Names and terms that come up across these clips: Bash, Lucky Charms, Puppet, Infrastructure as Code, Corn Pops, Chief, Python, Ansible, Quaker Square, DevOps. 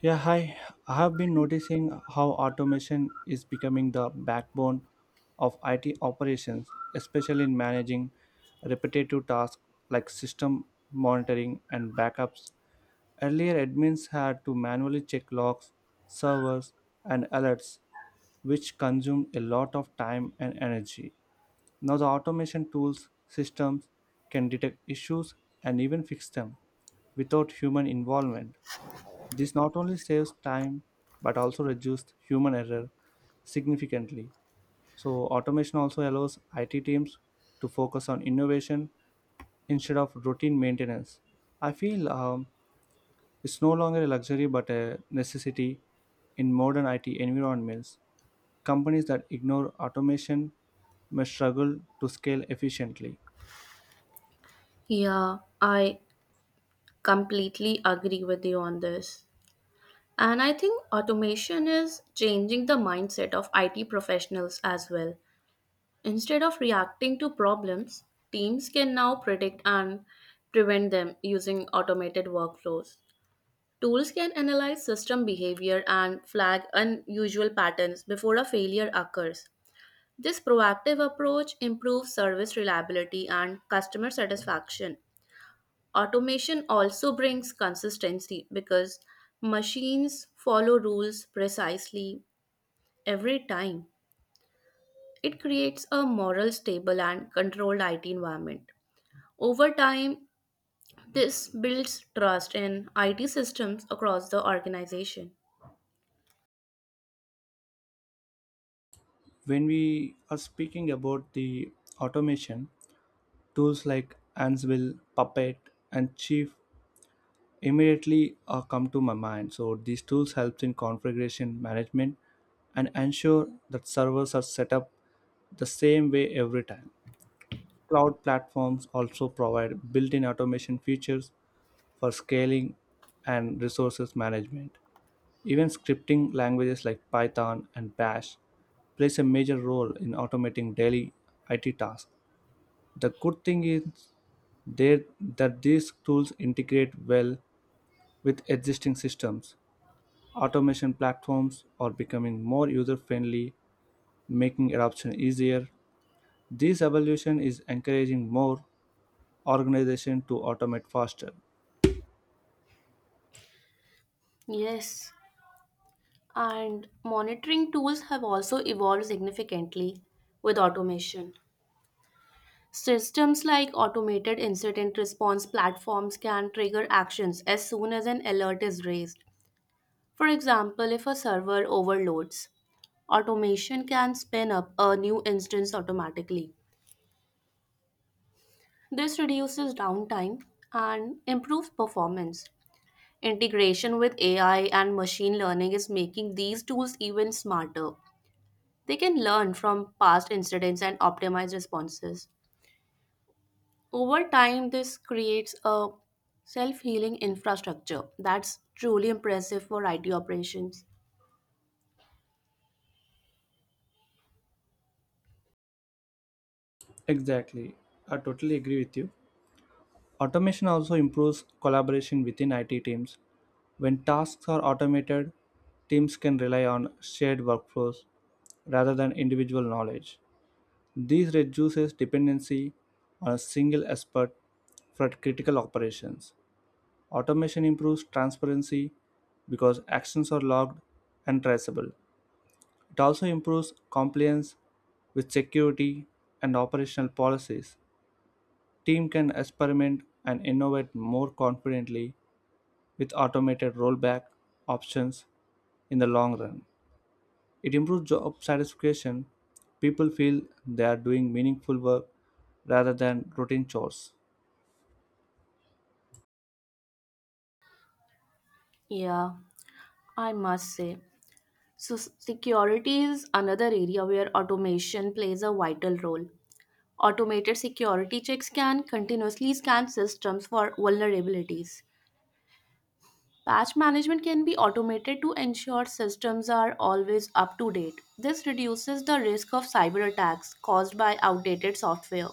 Yeah, hi. I have been noticing how automation is becoming the backbone of IT operations, especially in managing repetitive tasks like system monitoring and backups. Earlier, admins had to manually check logs, servers, and alerts, which consumed a lot of time and energy. Now, the automation tools systems can detect issues and even fix them without human involvement. This not only saves time but also reduces human error significantly. So, automation also allows IT teams to focus on innovation instead of routine maintenance. I feel It's no longer a luxury but a necessity in modern IT environments. Companies that ignore automation may struggle to scale efficiently. Yeah, I completely agree with you on this. And I think automation is changing the mindset of IT professionals as well. Instead of reacting to problems, teams can now predict and prevent them using automated workflows. Tools can analyze system behavior and flag unusual patterns before a failure occurs. This proactive approach improves service reliability and customer satisfaction. Automation also brings consistency because machines follow rules precisely every time. It creates a moral, stable, and controlled IT environment. Over time, this builds trust in IT systems across the organization. When we are speaking about the automation, tools like Ansible, Puppet, and Chief immediately come to my mind. So these tools helps in configuration management and ensure that servers are set up the same way every time. Cloud platforms also provide built-in automation features for scaling and resources management. Even scripting languages like Python and Bash plays a major role in automating daily IT tasks. The good thing is they, that these tools integrate well with existing systems. Automation platforms are becoming more user-friendly, making adoption easier. This evolution is encouraging more organizations to automate faster. Yes, and monitoring tools have also evolved significantly with automation. Systems like automated incident response platforms can trigger actions as soon as an alert is raised. For example, if a server overloads, automation can spin up a new instance automatically. This reduces downtime and improves performance. Integration with AI and machine learning is making these tools even smarter. They can learn from past incidents and optimize responses. Over time, this creates a self healing infrastructure that's truly impressive for IT operations. Exactly. I totally agree with you. Automation also improves collaboration within IT teams. When tasks are automated, teams can rely on shared workflows rather than individual knowledge. This reduces dependency on a single expert for critical operations. Automation improves transparency because actions are logged and traceable. It also improves compliance with security and operational policies. Team can experiment and innovate more confidently with automated rollback options in the long run. It improves job satisfaction. People feel they are doing meaningful work rather than routine chores. Yeah, I must say. So, security is another area where automation plays a vital role. Automated security checks can continuously scan systems for vulnerabilities. Patch management can be automated to ensure systems are always up to date. This reduces the risk of cyber attacks caused by outdated software.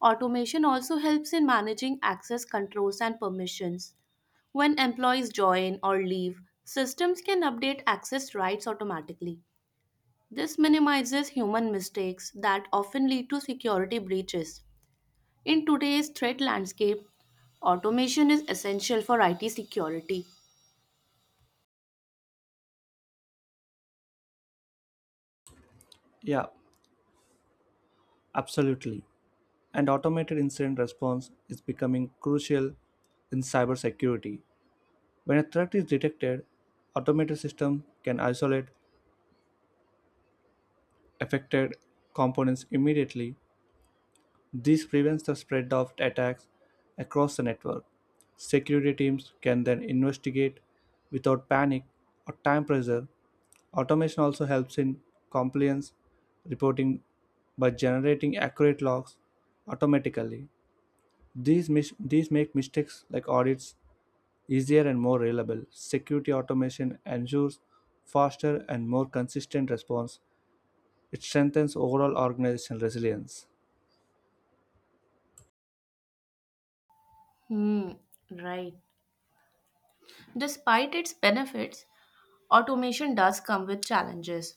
Automation also helps in managing access controls and permissions. When employees join or leave, systems can update access rights automatically. This minimizes human mistakes that often lead to security breaches. In today's threat landscape, automation is essential for IT security. Yeah, absolutely. And automated incident response is becoming crucial in cybersecurity. When a threat is detected, automated systems can isolate affected components immediately. This prevents the spread of attacks across the network. Security teams can then investigate without panic or time pressure. Automation also helps in compliance reporting by generating accurate logs automatically. These make mistakes like audits easier and more reliable. Security automation ensures faster and more consistent response. It strengthens overall organizational resilience. Hmm, right. Despite its benefits, automation does come with challenges.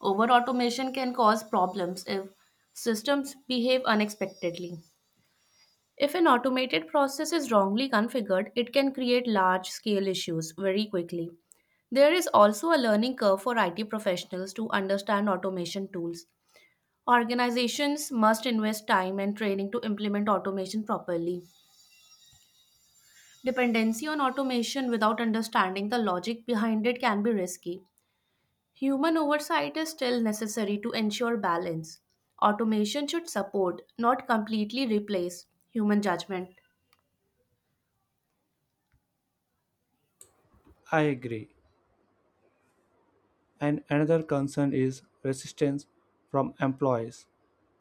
Over automation can cause problems if systems behave unexpectedly. If an automated process is wrongly configured, it can create large scale issues very quickly. There is also a learning curve for IT professionals to understand automation tools. Organizations must invest time and training to implement automation properly. Dependency on automation without understanding the logic behind it can be risky. Human oversight is still necessary to ensure balance. Automation should support, not completely replace, human judgment. I agree. And another concern is resistance from employees.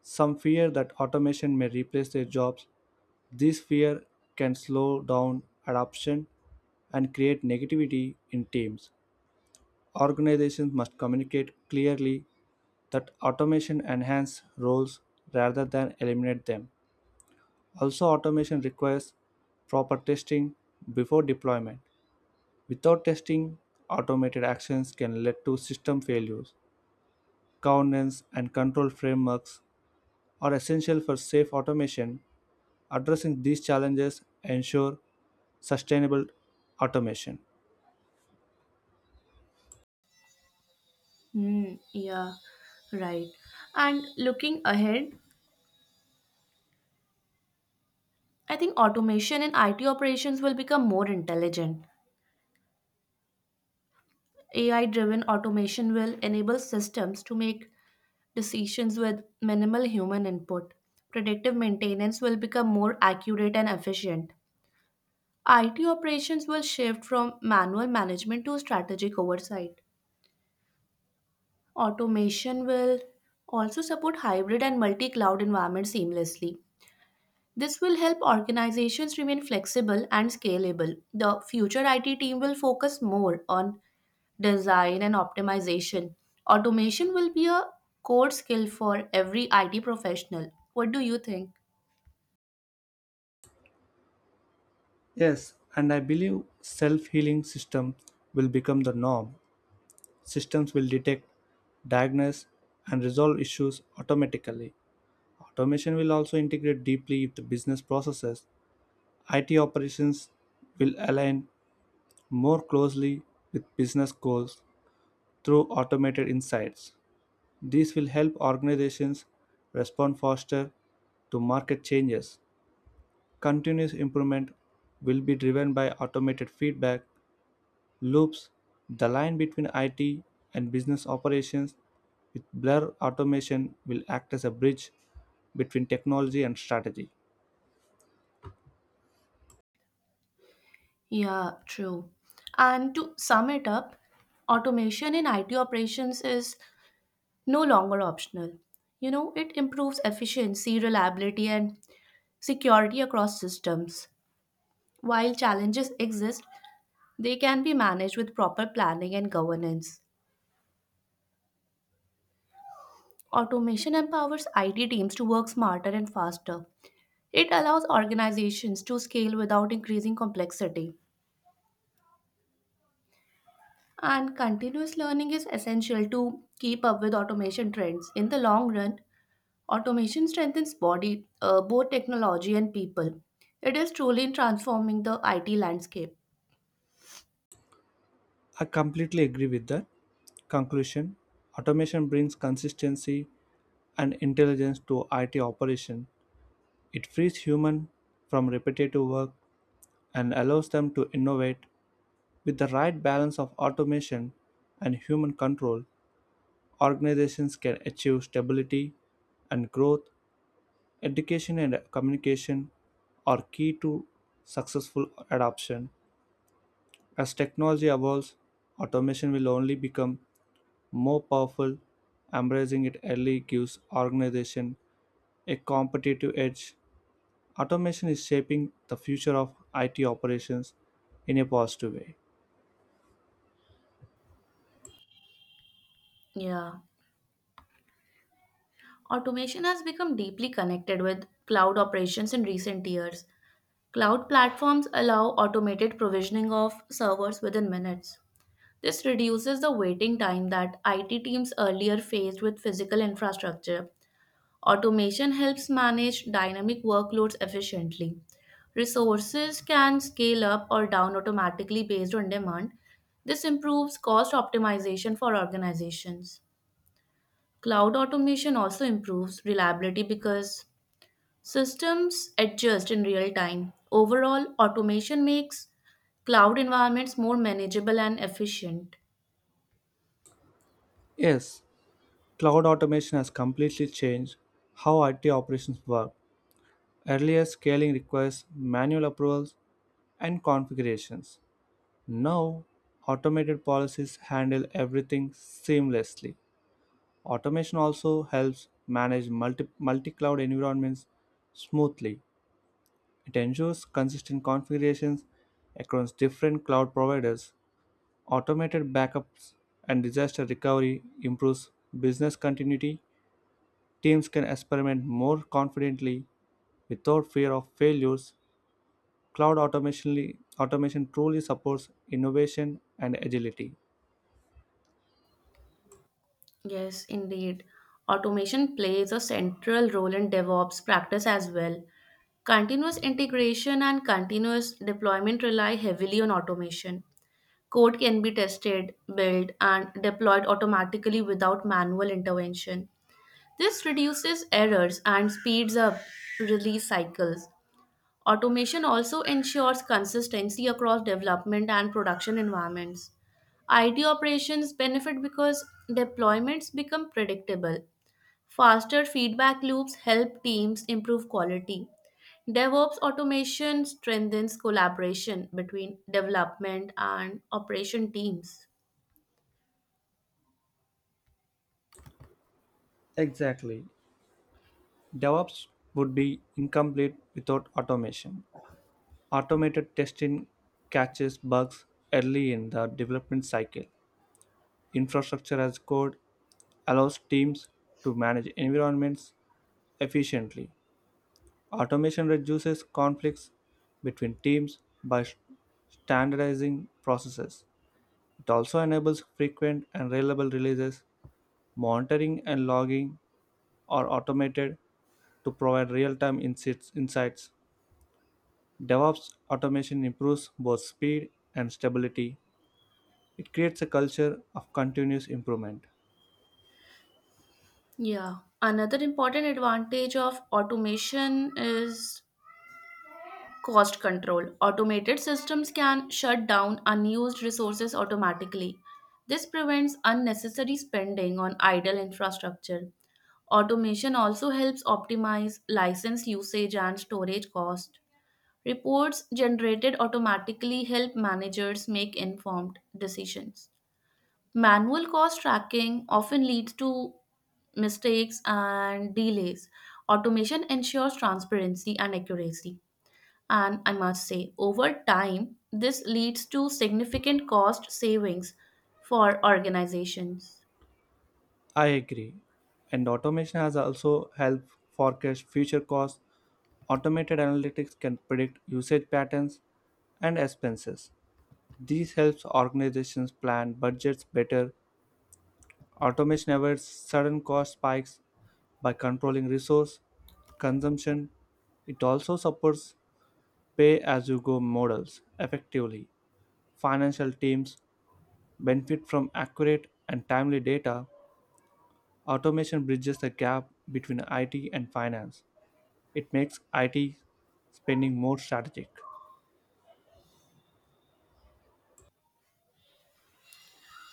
Some fear that automation may replace their jobs. This fear can slow down adoption and create negativity in teams. Organizations must communicate clearly that automation enhances roles rather than eliminate them. Also, automation requires proper testing before deployment. Without testing, automated actions can lead to system failures. Governance and control frameworks are essential for safe automation. Addressing these challenges ensure sustainable automation. Hmm, yeah, right. And looking ahead, I think automation in IT operations will become more intelligent. AI driven automation will enable systems to make decisions with minimal human input. Predictive maintenance will become more accurate and efficient. IT operations will shift from manual management to strategic oversight. Automation will also support hybrid and multi cloud environments seamlessly. This will help organizations remain flexible and scalable. The future IT team will focus more on design and optimization. Automation will be a core skill for every IT professional. What do you think? Yes, and I believe self-healing systems will become the norm. Systems will detect, diagnose and resolve issues automatically. Automation will also integrate deeply with the business processes. IT operations will align more closely with business goals through automated insights. This will help organizations respond faster to market changes. Continuous improvement will be driven by automated feedback loops. The line between IT and business operations with blur automation will act as a bridge between technology and strategy. Yeah, true. And to sum it up, automation in IT operations is no longer optional. You know, it improves efficiency, reliability, and security across systems. While challenges exist, they can be managed with proper planning and governance. Automation empowers IT teams to work smarter and faster. It allows organizations to scale without increasing complexity. And continuous learning is essential to keep up with automation trends. In the long run, automation strengthens both technology and people. It is truly transforming the IT landscape. I completely agree with that. Conclusion: automation brings consistency and intelligence to IT operation. It frees humans from repetitive work and allows them to innovate. With the right balance of automation and human control, organizations can achieve stability and growth. Education and communication are key to successful adoption. As technology evolves, automation will only become more powerful. Embracing it early gives organization a competitive edge. Automation is shaping the future of IT operations in a positive way. Yeah. Automation has become deeply connected with cloud operations in recent years. Cloud platforms allow automated provisioning of servers within minutes. This reduces the waiting time that IT teams earlier faced with physical infrastructure. Automation helps manage dynamic workloads efficiently. Resources can scale up or down automatically based on demand. This improves cost optimization for organizations. Cloud automation also improves reliability because systems adjust in real time. Overall, automation makes cloud environments more manageable and efficient. Yes, cloud automation has completely changed how IT operations work. Earlier, scaling requires manual approvals and configurations. Now, automated policies handle everything seamlessly. Automation also helps manage multi cloud environments smoothly. It ensures consistent configurations across different cloud providers, automated backups, and disaster recovery improves business continuity. Teams can experiment more confidently without fear of failures. Automation truly supports innovation and agility. Yes, indeed. Automation plays a central role in DevOps practice as well. Continuous integration and continuous deployment rely heavily on automation. Code can be tested, built, and deployed automatically without manual intervention. This reduces errors and speeds up release cycles. Automation also ensures consistency across development and production environments. IT operations benefit because deployments become predictable. Faster feedback loops help teams improve quality. DevOps automation strengthens collaboration between development and operation teams. Exactly. DevOps would be incomplete without automation. Automated testing catches bugs early in the development cycle. Infrastructure as code allows teams to manage environments efficiently. Automation reduces conflicts between teams by standardizing processes. It also enables frequent and reliable releases. Monitoring and logging are automated to provide real time insights. DevOps automation improves both speed and stability. It creates a culture of continuous improvement. Yeah. Another important advantage of automation is cost control. Automated systems can shut down unused resources automatically. This prevents unnecessary spending on idle infrastructure. Automation also helps optimize license usage and storage cost. Reports generated automatically help managers make informed decisions. Manual cost tracking often leads to mistakes and delays. Automation ensures transparency and accuracy. And I must say, over time, this leads to significant cost savings for organizations. I agree. And automation has also helped forecast future costs. Automated analytics can predict usage patterns and expenses. This helps organizations plan budgets better. Automation avoids sudden cost spikes by controlling resource consumption. It also supports pay as you go models effectively. Financial teams benefit from accurate and timely data. Automation bridges the gap between IT and finance. It makes IT spending more strategic.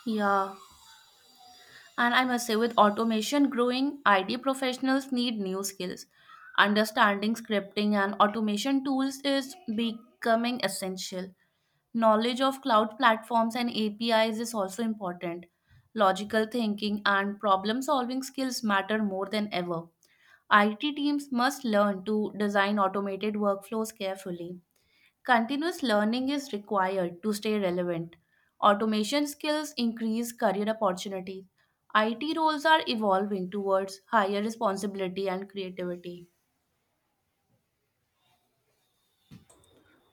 Yeah, and I must say, with automation growing, IT professionals need new skills. Understanding scripting and automation tools is becoming essential. Knowledge of cloud platforms and APIs is also important. Logical thinking and problem solving skills matter more than ever. IT teams must learn to design automated workflows carefully. Continuous learning is required to stay relevant. Automation skills increase career opportunities. IT roles are evolving towards higher responsibility and creativity.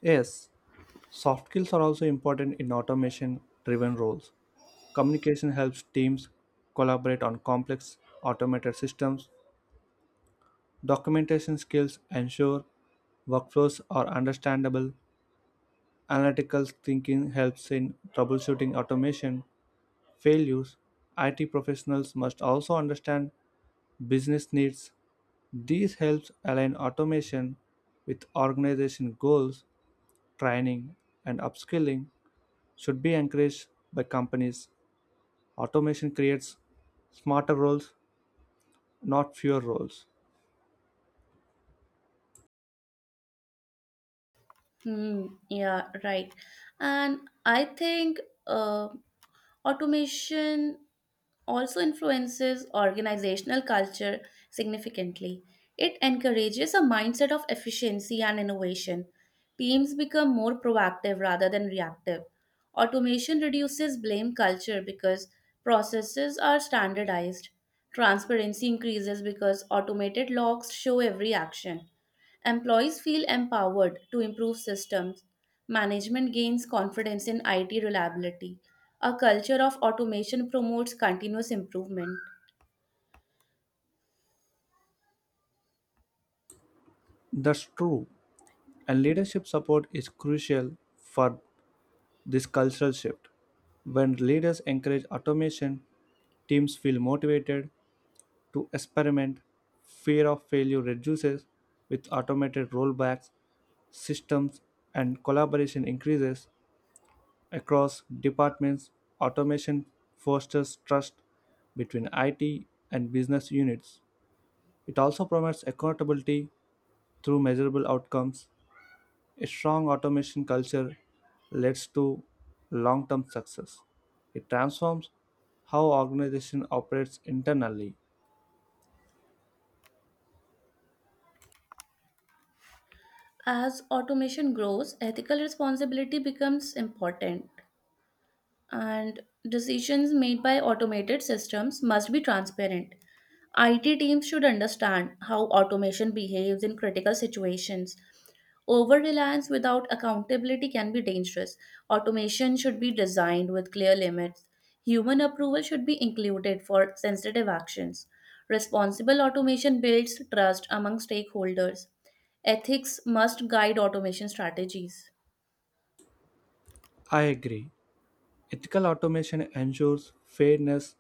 Yes, soft skills are also important in automation driven roles. Communication helps teams collaborate on complex automated systems. Documentation skills ensure workflows are understandable. Analytical thinking helps in troubleshooting automation failures. IT professionals must also understand business needs. These helps align automation with organization goals. Training and upskilling should be encouraged by companies. Automation creates smarter roles, not fewer roles. Hmm, yeah, right. And I think uh, automation also influences organizational culture significantly. It encourages a mindset of efficiency and innovation. Teams become more proactive rather than reactive. Automation reduces blame culture because processes are standardized. Transparency increases because automated logs show every action. Employees feel empowered to improve systems. Management gains confidence in IT reliability. A culture of automation promotes continuous improvement. That's true, and leadership support is crucial for this cultural shift. When leaders encourage automation, teams feel motivated to experiment. Fear of failure reduces with automated rollbacks, systems, and collaboration increases across departments. Automation fosters trust between IT and business units. It also promotes accountability through measurable outcomes. A strong automation culture leads to long term success. It transforms how organization operates internally. As automation grows, ethical responsibility becomes important, and decisions made by automated systems must be transparent. IT teams should understand how automation behaves in critical situations. Over reliance without accountability can be dangerous. Automation should be designed with clear limits. Human approval should be included for sensitive actions. Responsible automation builds trust among stakeholders. Ethics must guide automation strategies. I agree. Ethical automation ensures fairness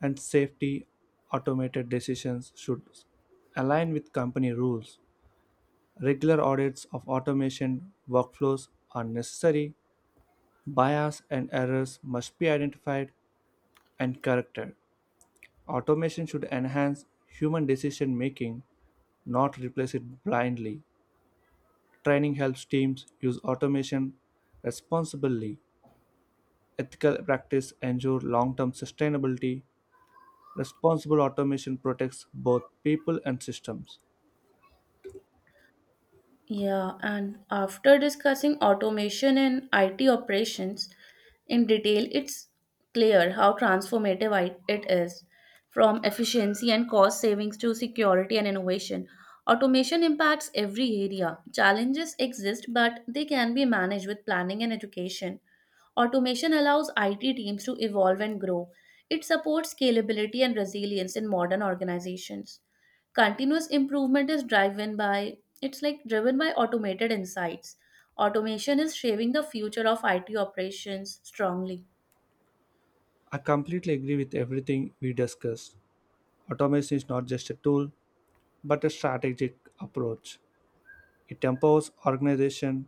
and safety. Automated decisions should align with company rules. Regular audits of automation workflows are necessary. Bias and errors must be identified and corrected. Automation should enhance human decision making, not replace it blindly. Training helps teams use automation responsibly. Ethical practice ensures long-term sustainability. Responsible automation protects both people and systems. Yeah, and after discussing automation and IT operations in detail, it's clear how transformative it is. From efficiency and cost savings to security and innovation, automation impacts every area. Challenges exist, but they can be managed with planning and education. Automation allows IT teams to evolve and grow. It supports scalability and resilience in modern organizations. Continuous improvement is driven by it's like driven by automated insights. Automation is shaping the future of IT operations strongly. I completely agree with everything we discussed. Automation is not just a tool, but a strategic approach. It empowers organizations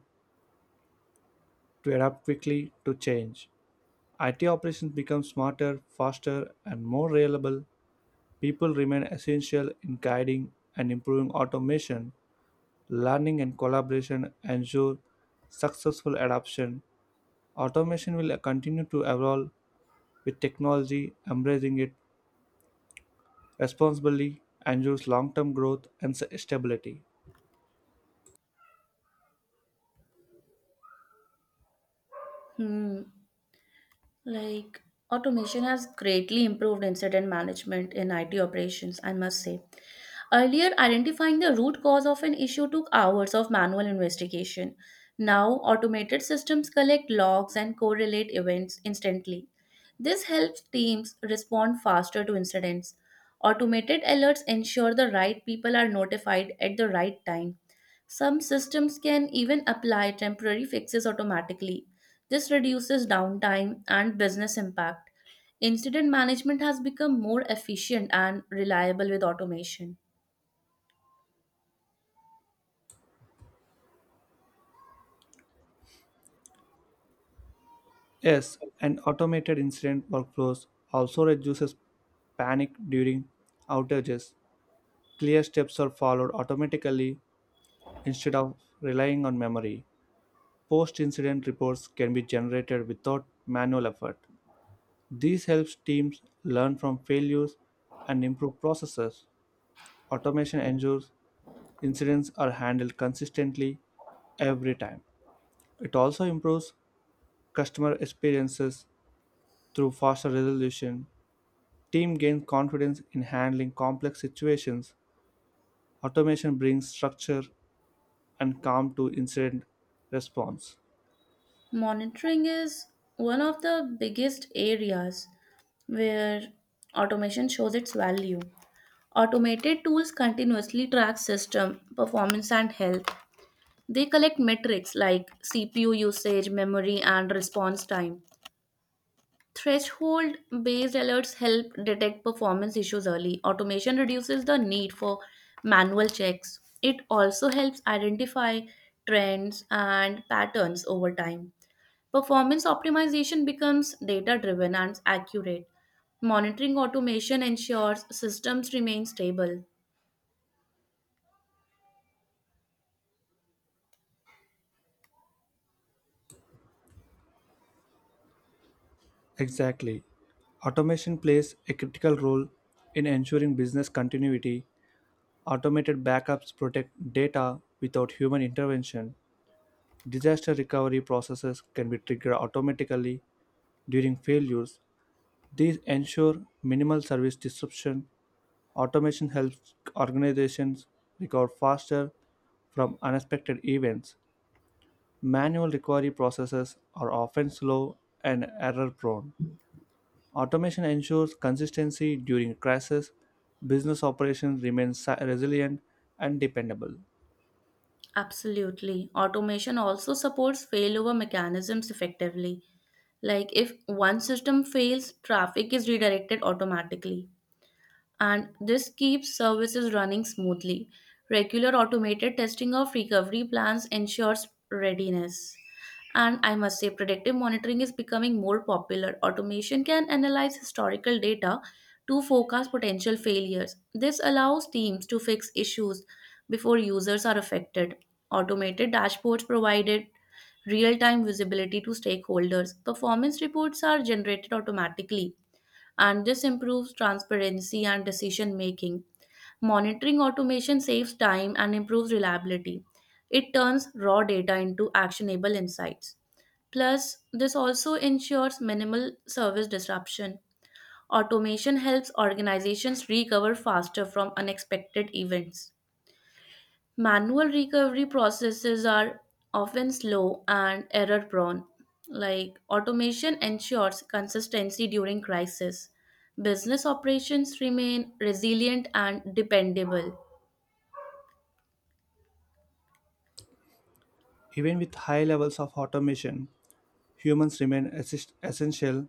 to adapt quickly to change. IT operations become smarter, faster, and more reliable. People remain essential in guiding and improving automation. Learning and collaboration ensure successful adoption. Automation will continue to evolve with technology. Embracing it responsibly ensures long term growth and stability. Hmm. Like automation has greatly improved incident management in IT operations, I must say. Earlier, identifying the root cause of an issue took hours of manual investigation. Now, automated systems collect logs and correlate events instantly. This helps teams respond faster to incidents. Automated alerts ensure the right people are notified at the right time. Some systems can even apply temporary fixes automatically. This reduces downtime and business impact. Incident management has become more efficient and reliable with automation. Yes, and automated incident workflows also reduces panic during outages. Clear steps are followed automatically instead of relying on memory. Post-incident reports can be generated without manual effort. This helps teams learn from failures and improve processes. Automation ensures incidents are handled consistently every time. It also improves customer experiences through faster resolution. Team gains confidence in handling complex situations. Automation brings structure and calm to incident response. Monitoring is one of the biggest areas where automation shows its value. Automated tools continuously track system performance and health. They collect metrics like CPU usage, memory, and response time. Threshold based alerts help detect performance issues early. Automation reduces the need for manual checks. It also helps identify trends and patterns over time. Performance optimization becomes data driven and accurate. Monitoring automation ensures systems remain stable. Exactly. Automation plays a critical role in ensuring business continuity. Automated backups protect data without human intervention. Disaster recovery processes can be triggered automatically during failures. These ensure minimal service disruption. Automation helps organizations recover faster from unexpected events. Manual recovery processes are often slow and error prone. Automation ensures consistency during crisis, business operations remain resilient and dependable. Absolutely. Automation also supports failover mechanisms effectively. Like if one system fails, traffic is redirected automatically, and this keeps services running smoothly. Regular automated testing of recovery plans ensures readiness. And I must say, predictive monitoring is becoming more popular. Automation can analyze historical data to forecast potential failures. This allows teams to fix issues before users are affected. Automated dashboards provided real time visibility to stakeholders. Performance reports are generated automatically, and this improves transparency and decision making. Monitoring automation saves time and improves reliability. It turns raw data into actionable insights. Plus, this also ensures minimal service disruption. Automation helps organizations recover faster from unexpected events. Manual recovery processes are often slow and error prone. Like automation ensures consistency during crisis. Business operations remain resilient and dependable. Even with high levels of automation, humans remain essential.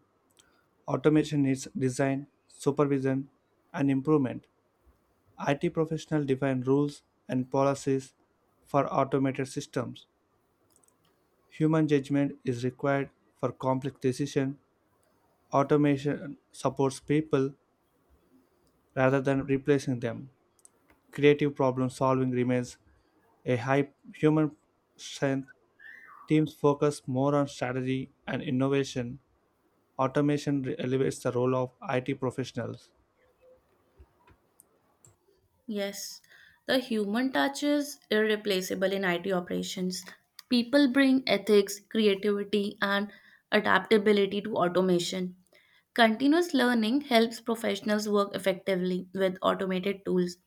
Automation needs design, supervision, and improvement. IT professionals define rules and policies for automated systems. Human judgment is required for complex decisions. Automation supports people rather than replacing them. Creative problem solving remains a high human strength. Teams focus more on strategy and innovation. Automation elevates the role of IT professionals. Yes, the human touch is irreplaceable in IT operations. People bring ethics, creativity, and adaptability to automation. Continuous learning helps professionals work effectively with automated tools.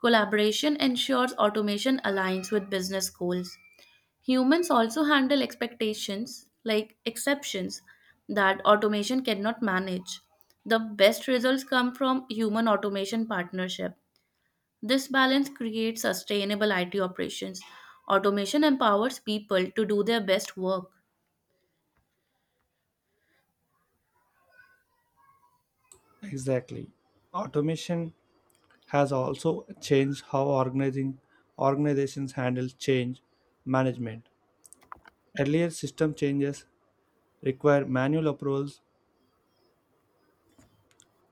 Collaboration ensures automation aligns with business goals. Humans also handle expectations like exceptions that automation cannot manage. The best results come from human automation partnership. This balance creates sustainable IT operations. Automation empowers people to do their best work. Exactly. Automation has also changed how organizing organizations handle change management. Earlier system changes require manual approvals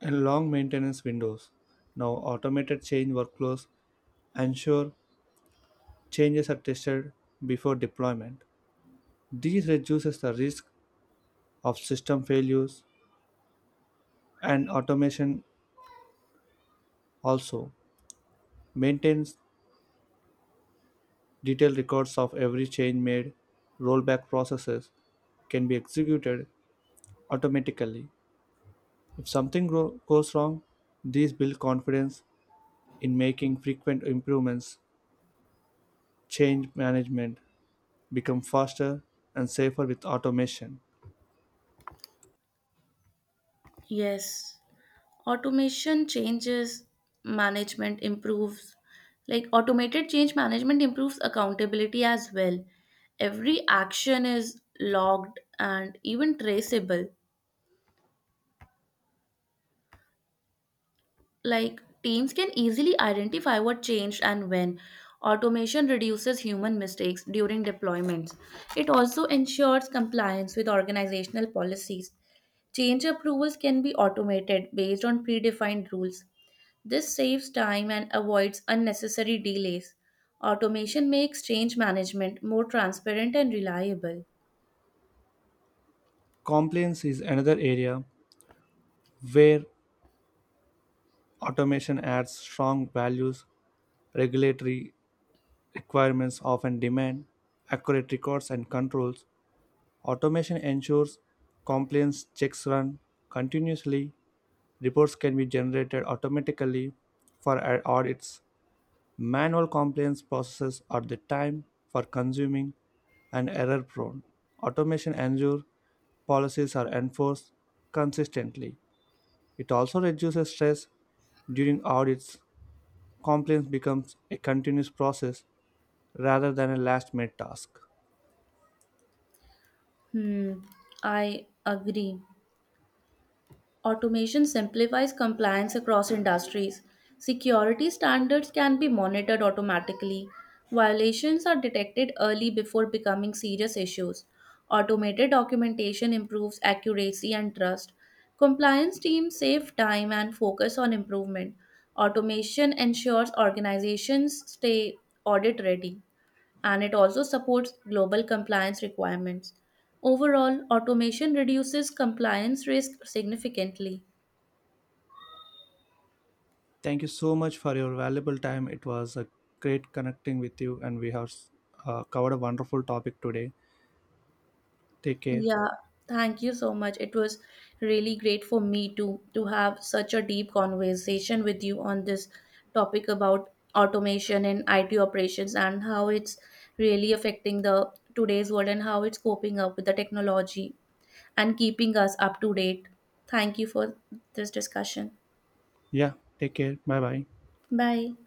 and long maintenance windows. Now automated change workflows ensure changes are tested before deployment. This reduces the risk of system failures, and automation also maintains detailed records of every change made. Rollback processes can be executed automatically if something goes wrong. These build confidence in making frequent improvements. Change management become faster and safer with automation. Yes, automation changes management improves like automated change management improves accountability as well. Every action is logged and even traceable. Like teams can easily identify what changed and when. Automation reduces human mistakes during deployments. It also ensures compliance with organizational policies. Change approvals can be automated based on predefined rules. This saves time and avoids unnecessary delays. Automation makes change management more transparent and reliable. Compliance is another area where automation adds strong values. Regulatory requirements often demand accurate records and controls. Automation ensures compliance checks run continuously. Reports can be generated automatically for audits. Manual compliance processes are the time for consuming and error prone. Automation ensures policies are enforced consistently. It also reduces stress during audits. Compliance becomes a continuous process rather than a last minute task. Hmm, I agree. Automation simplifies compliance across industries. Security standards can be monitored automatically. Violations are detected early before becoming serious issues. Automated documentation improves accuracy and trust. Compliance teams save time and focus on improvement. Automation ensures organizations stay audit ready, and it also supports global compliance requirements. Overall, automation reduces compliance risk significantly. Thank you so much for your valuable time. It was a great connecting with you, and we have covered a wonderful topic today. Take care. Yeah, thank you so much. It was really great for me to have such a deep conversation with you on this topic about automation and IT operations and how it's really affecting the today's world and how it's coping up with the technology and keeping us up to date. Thank you for this discussion. Yeah, take care. Bye bye. Bye.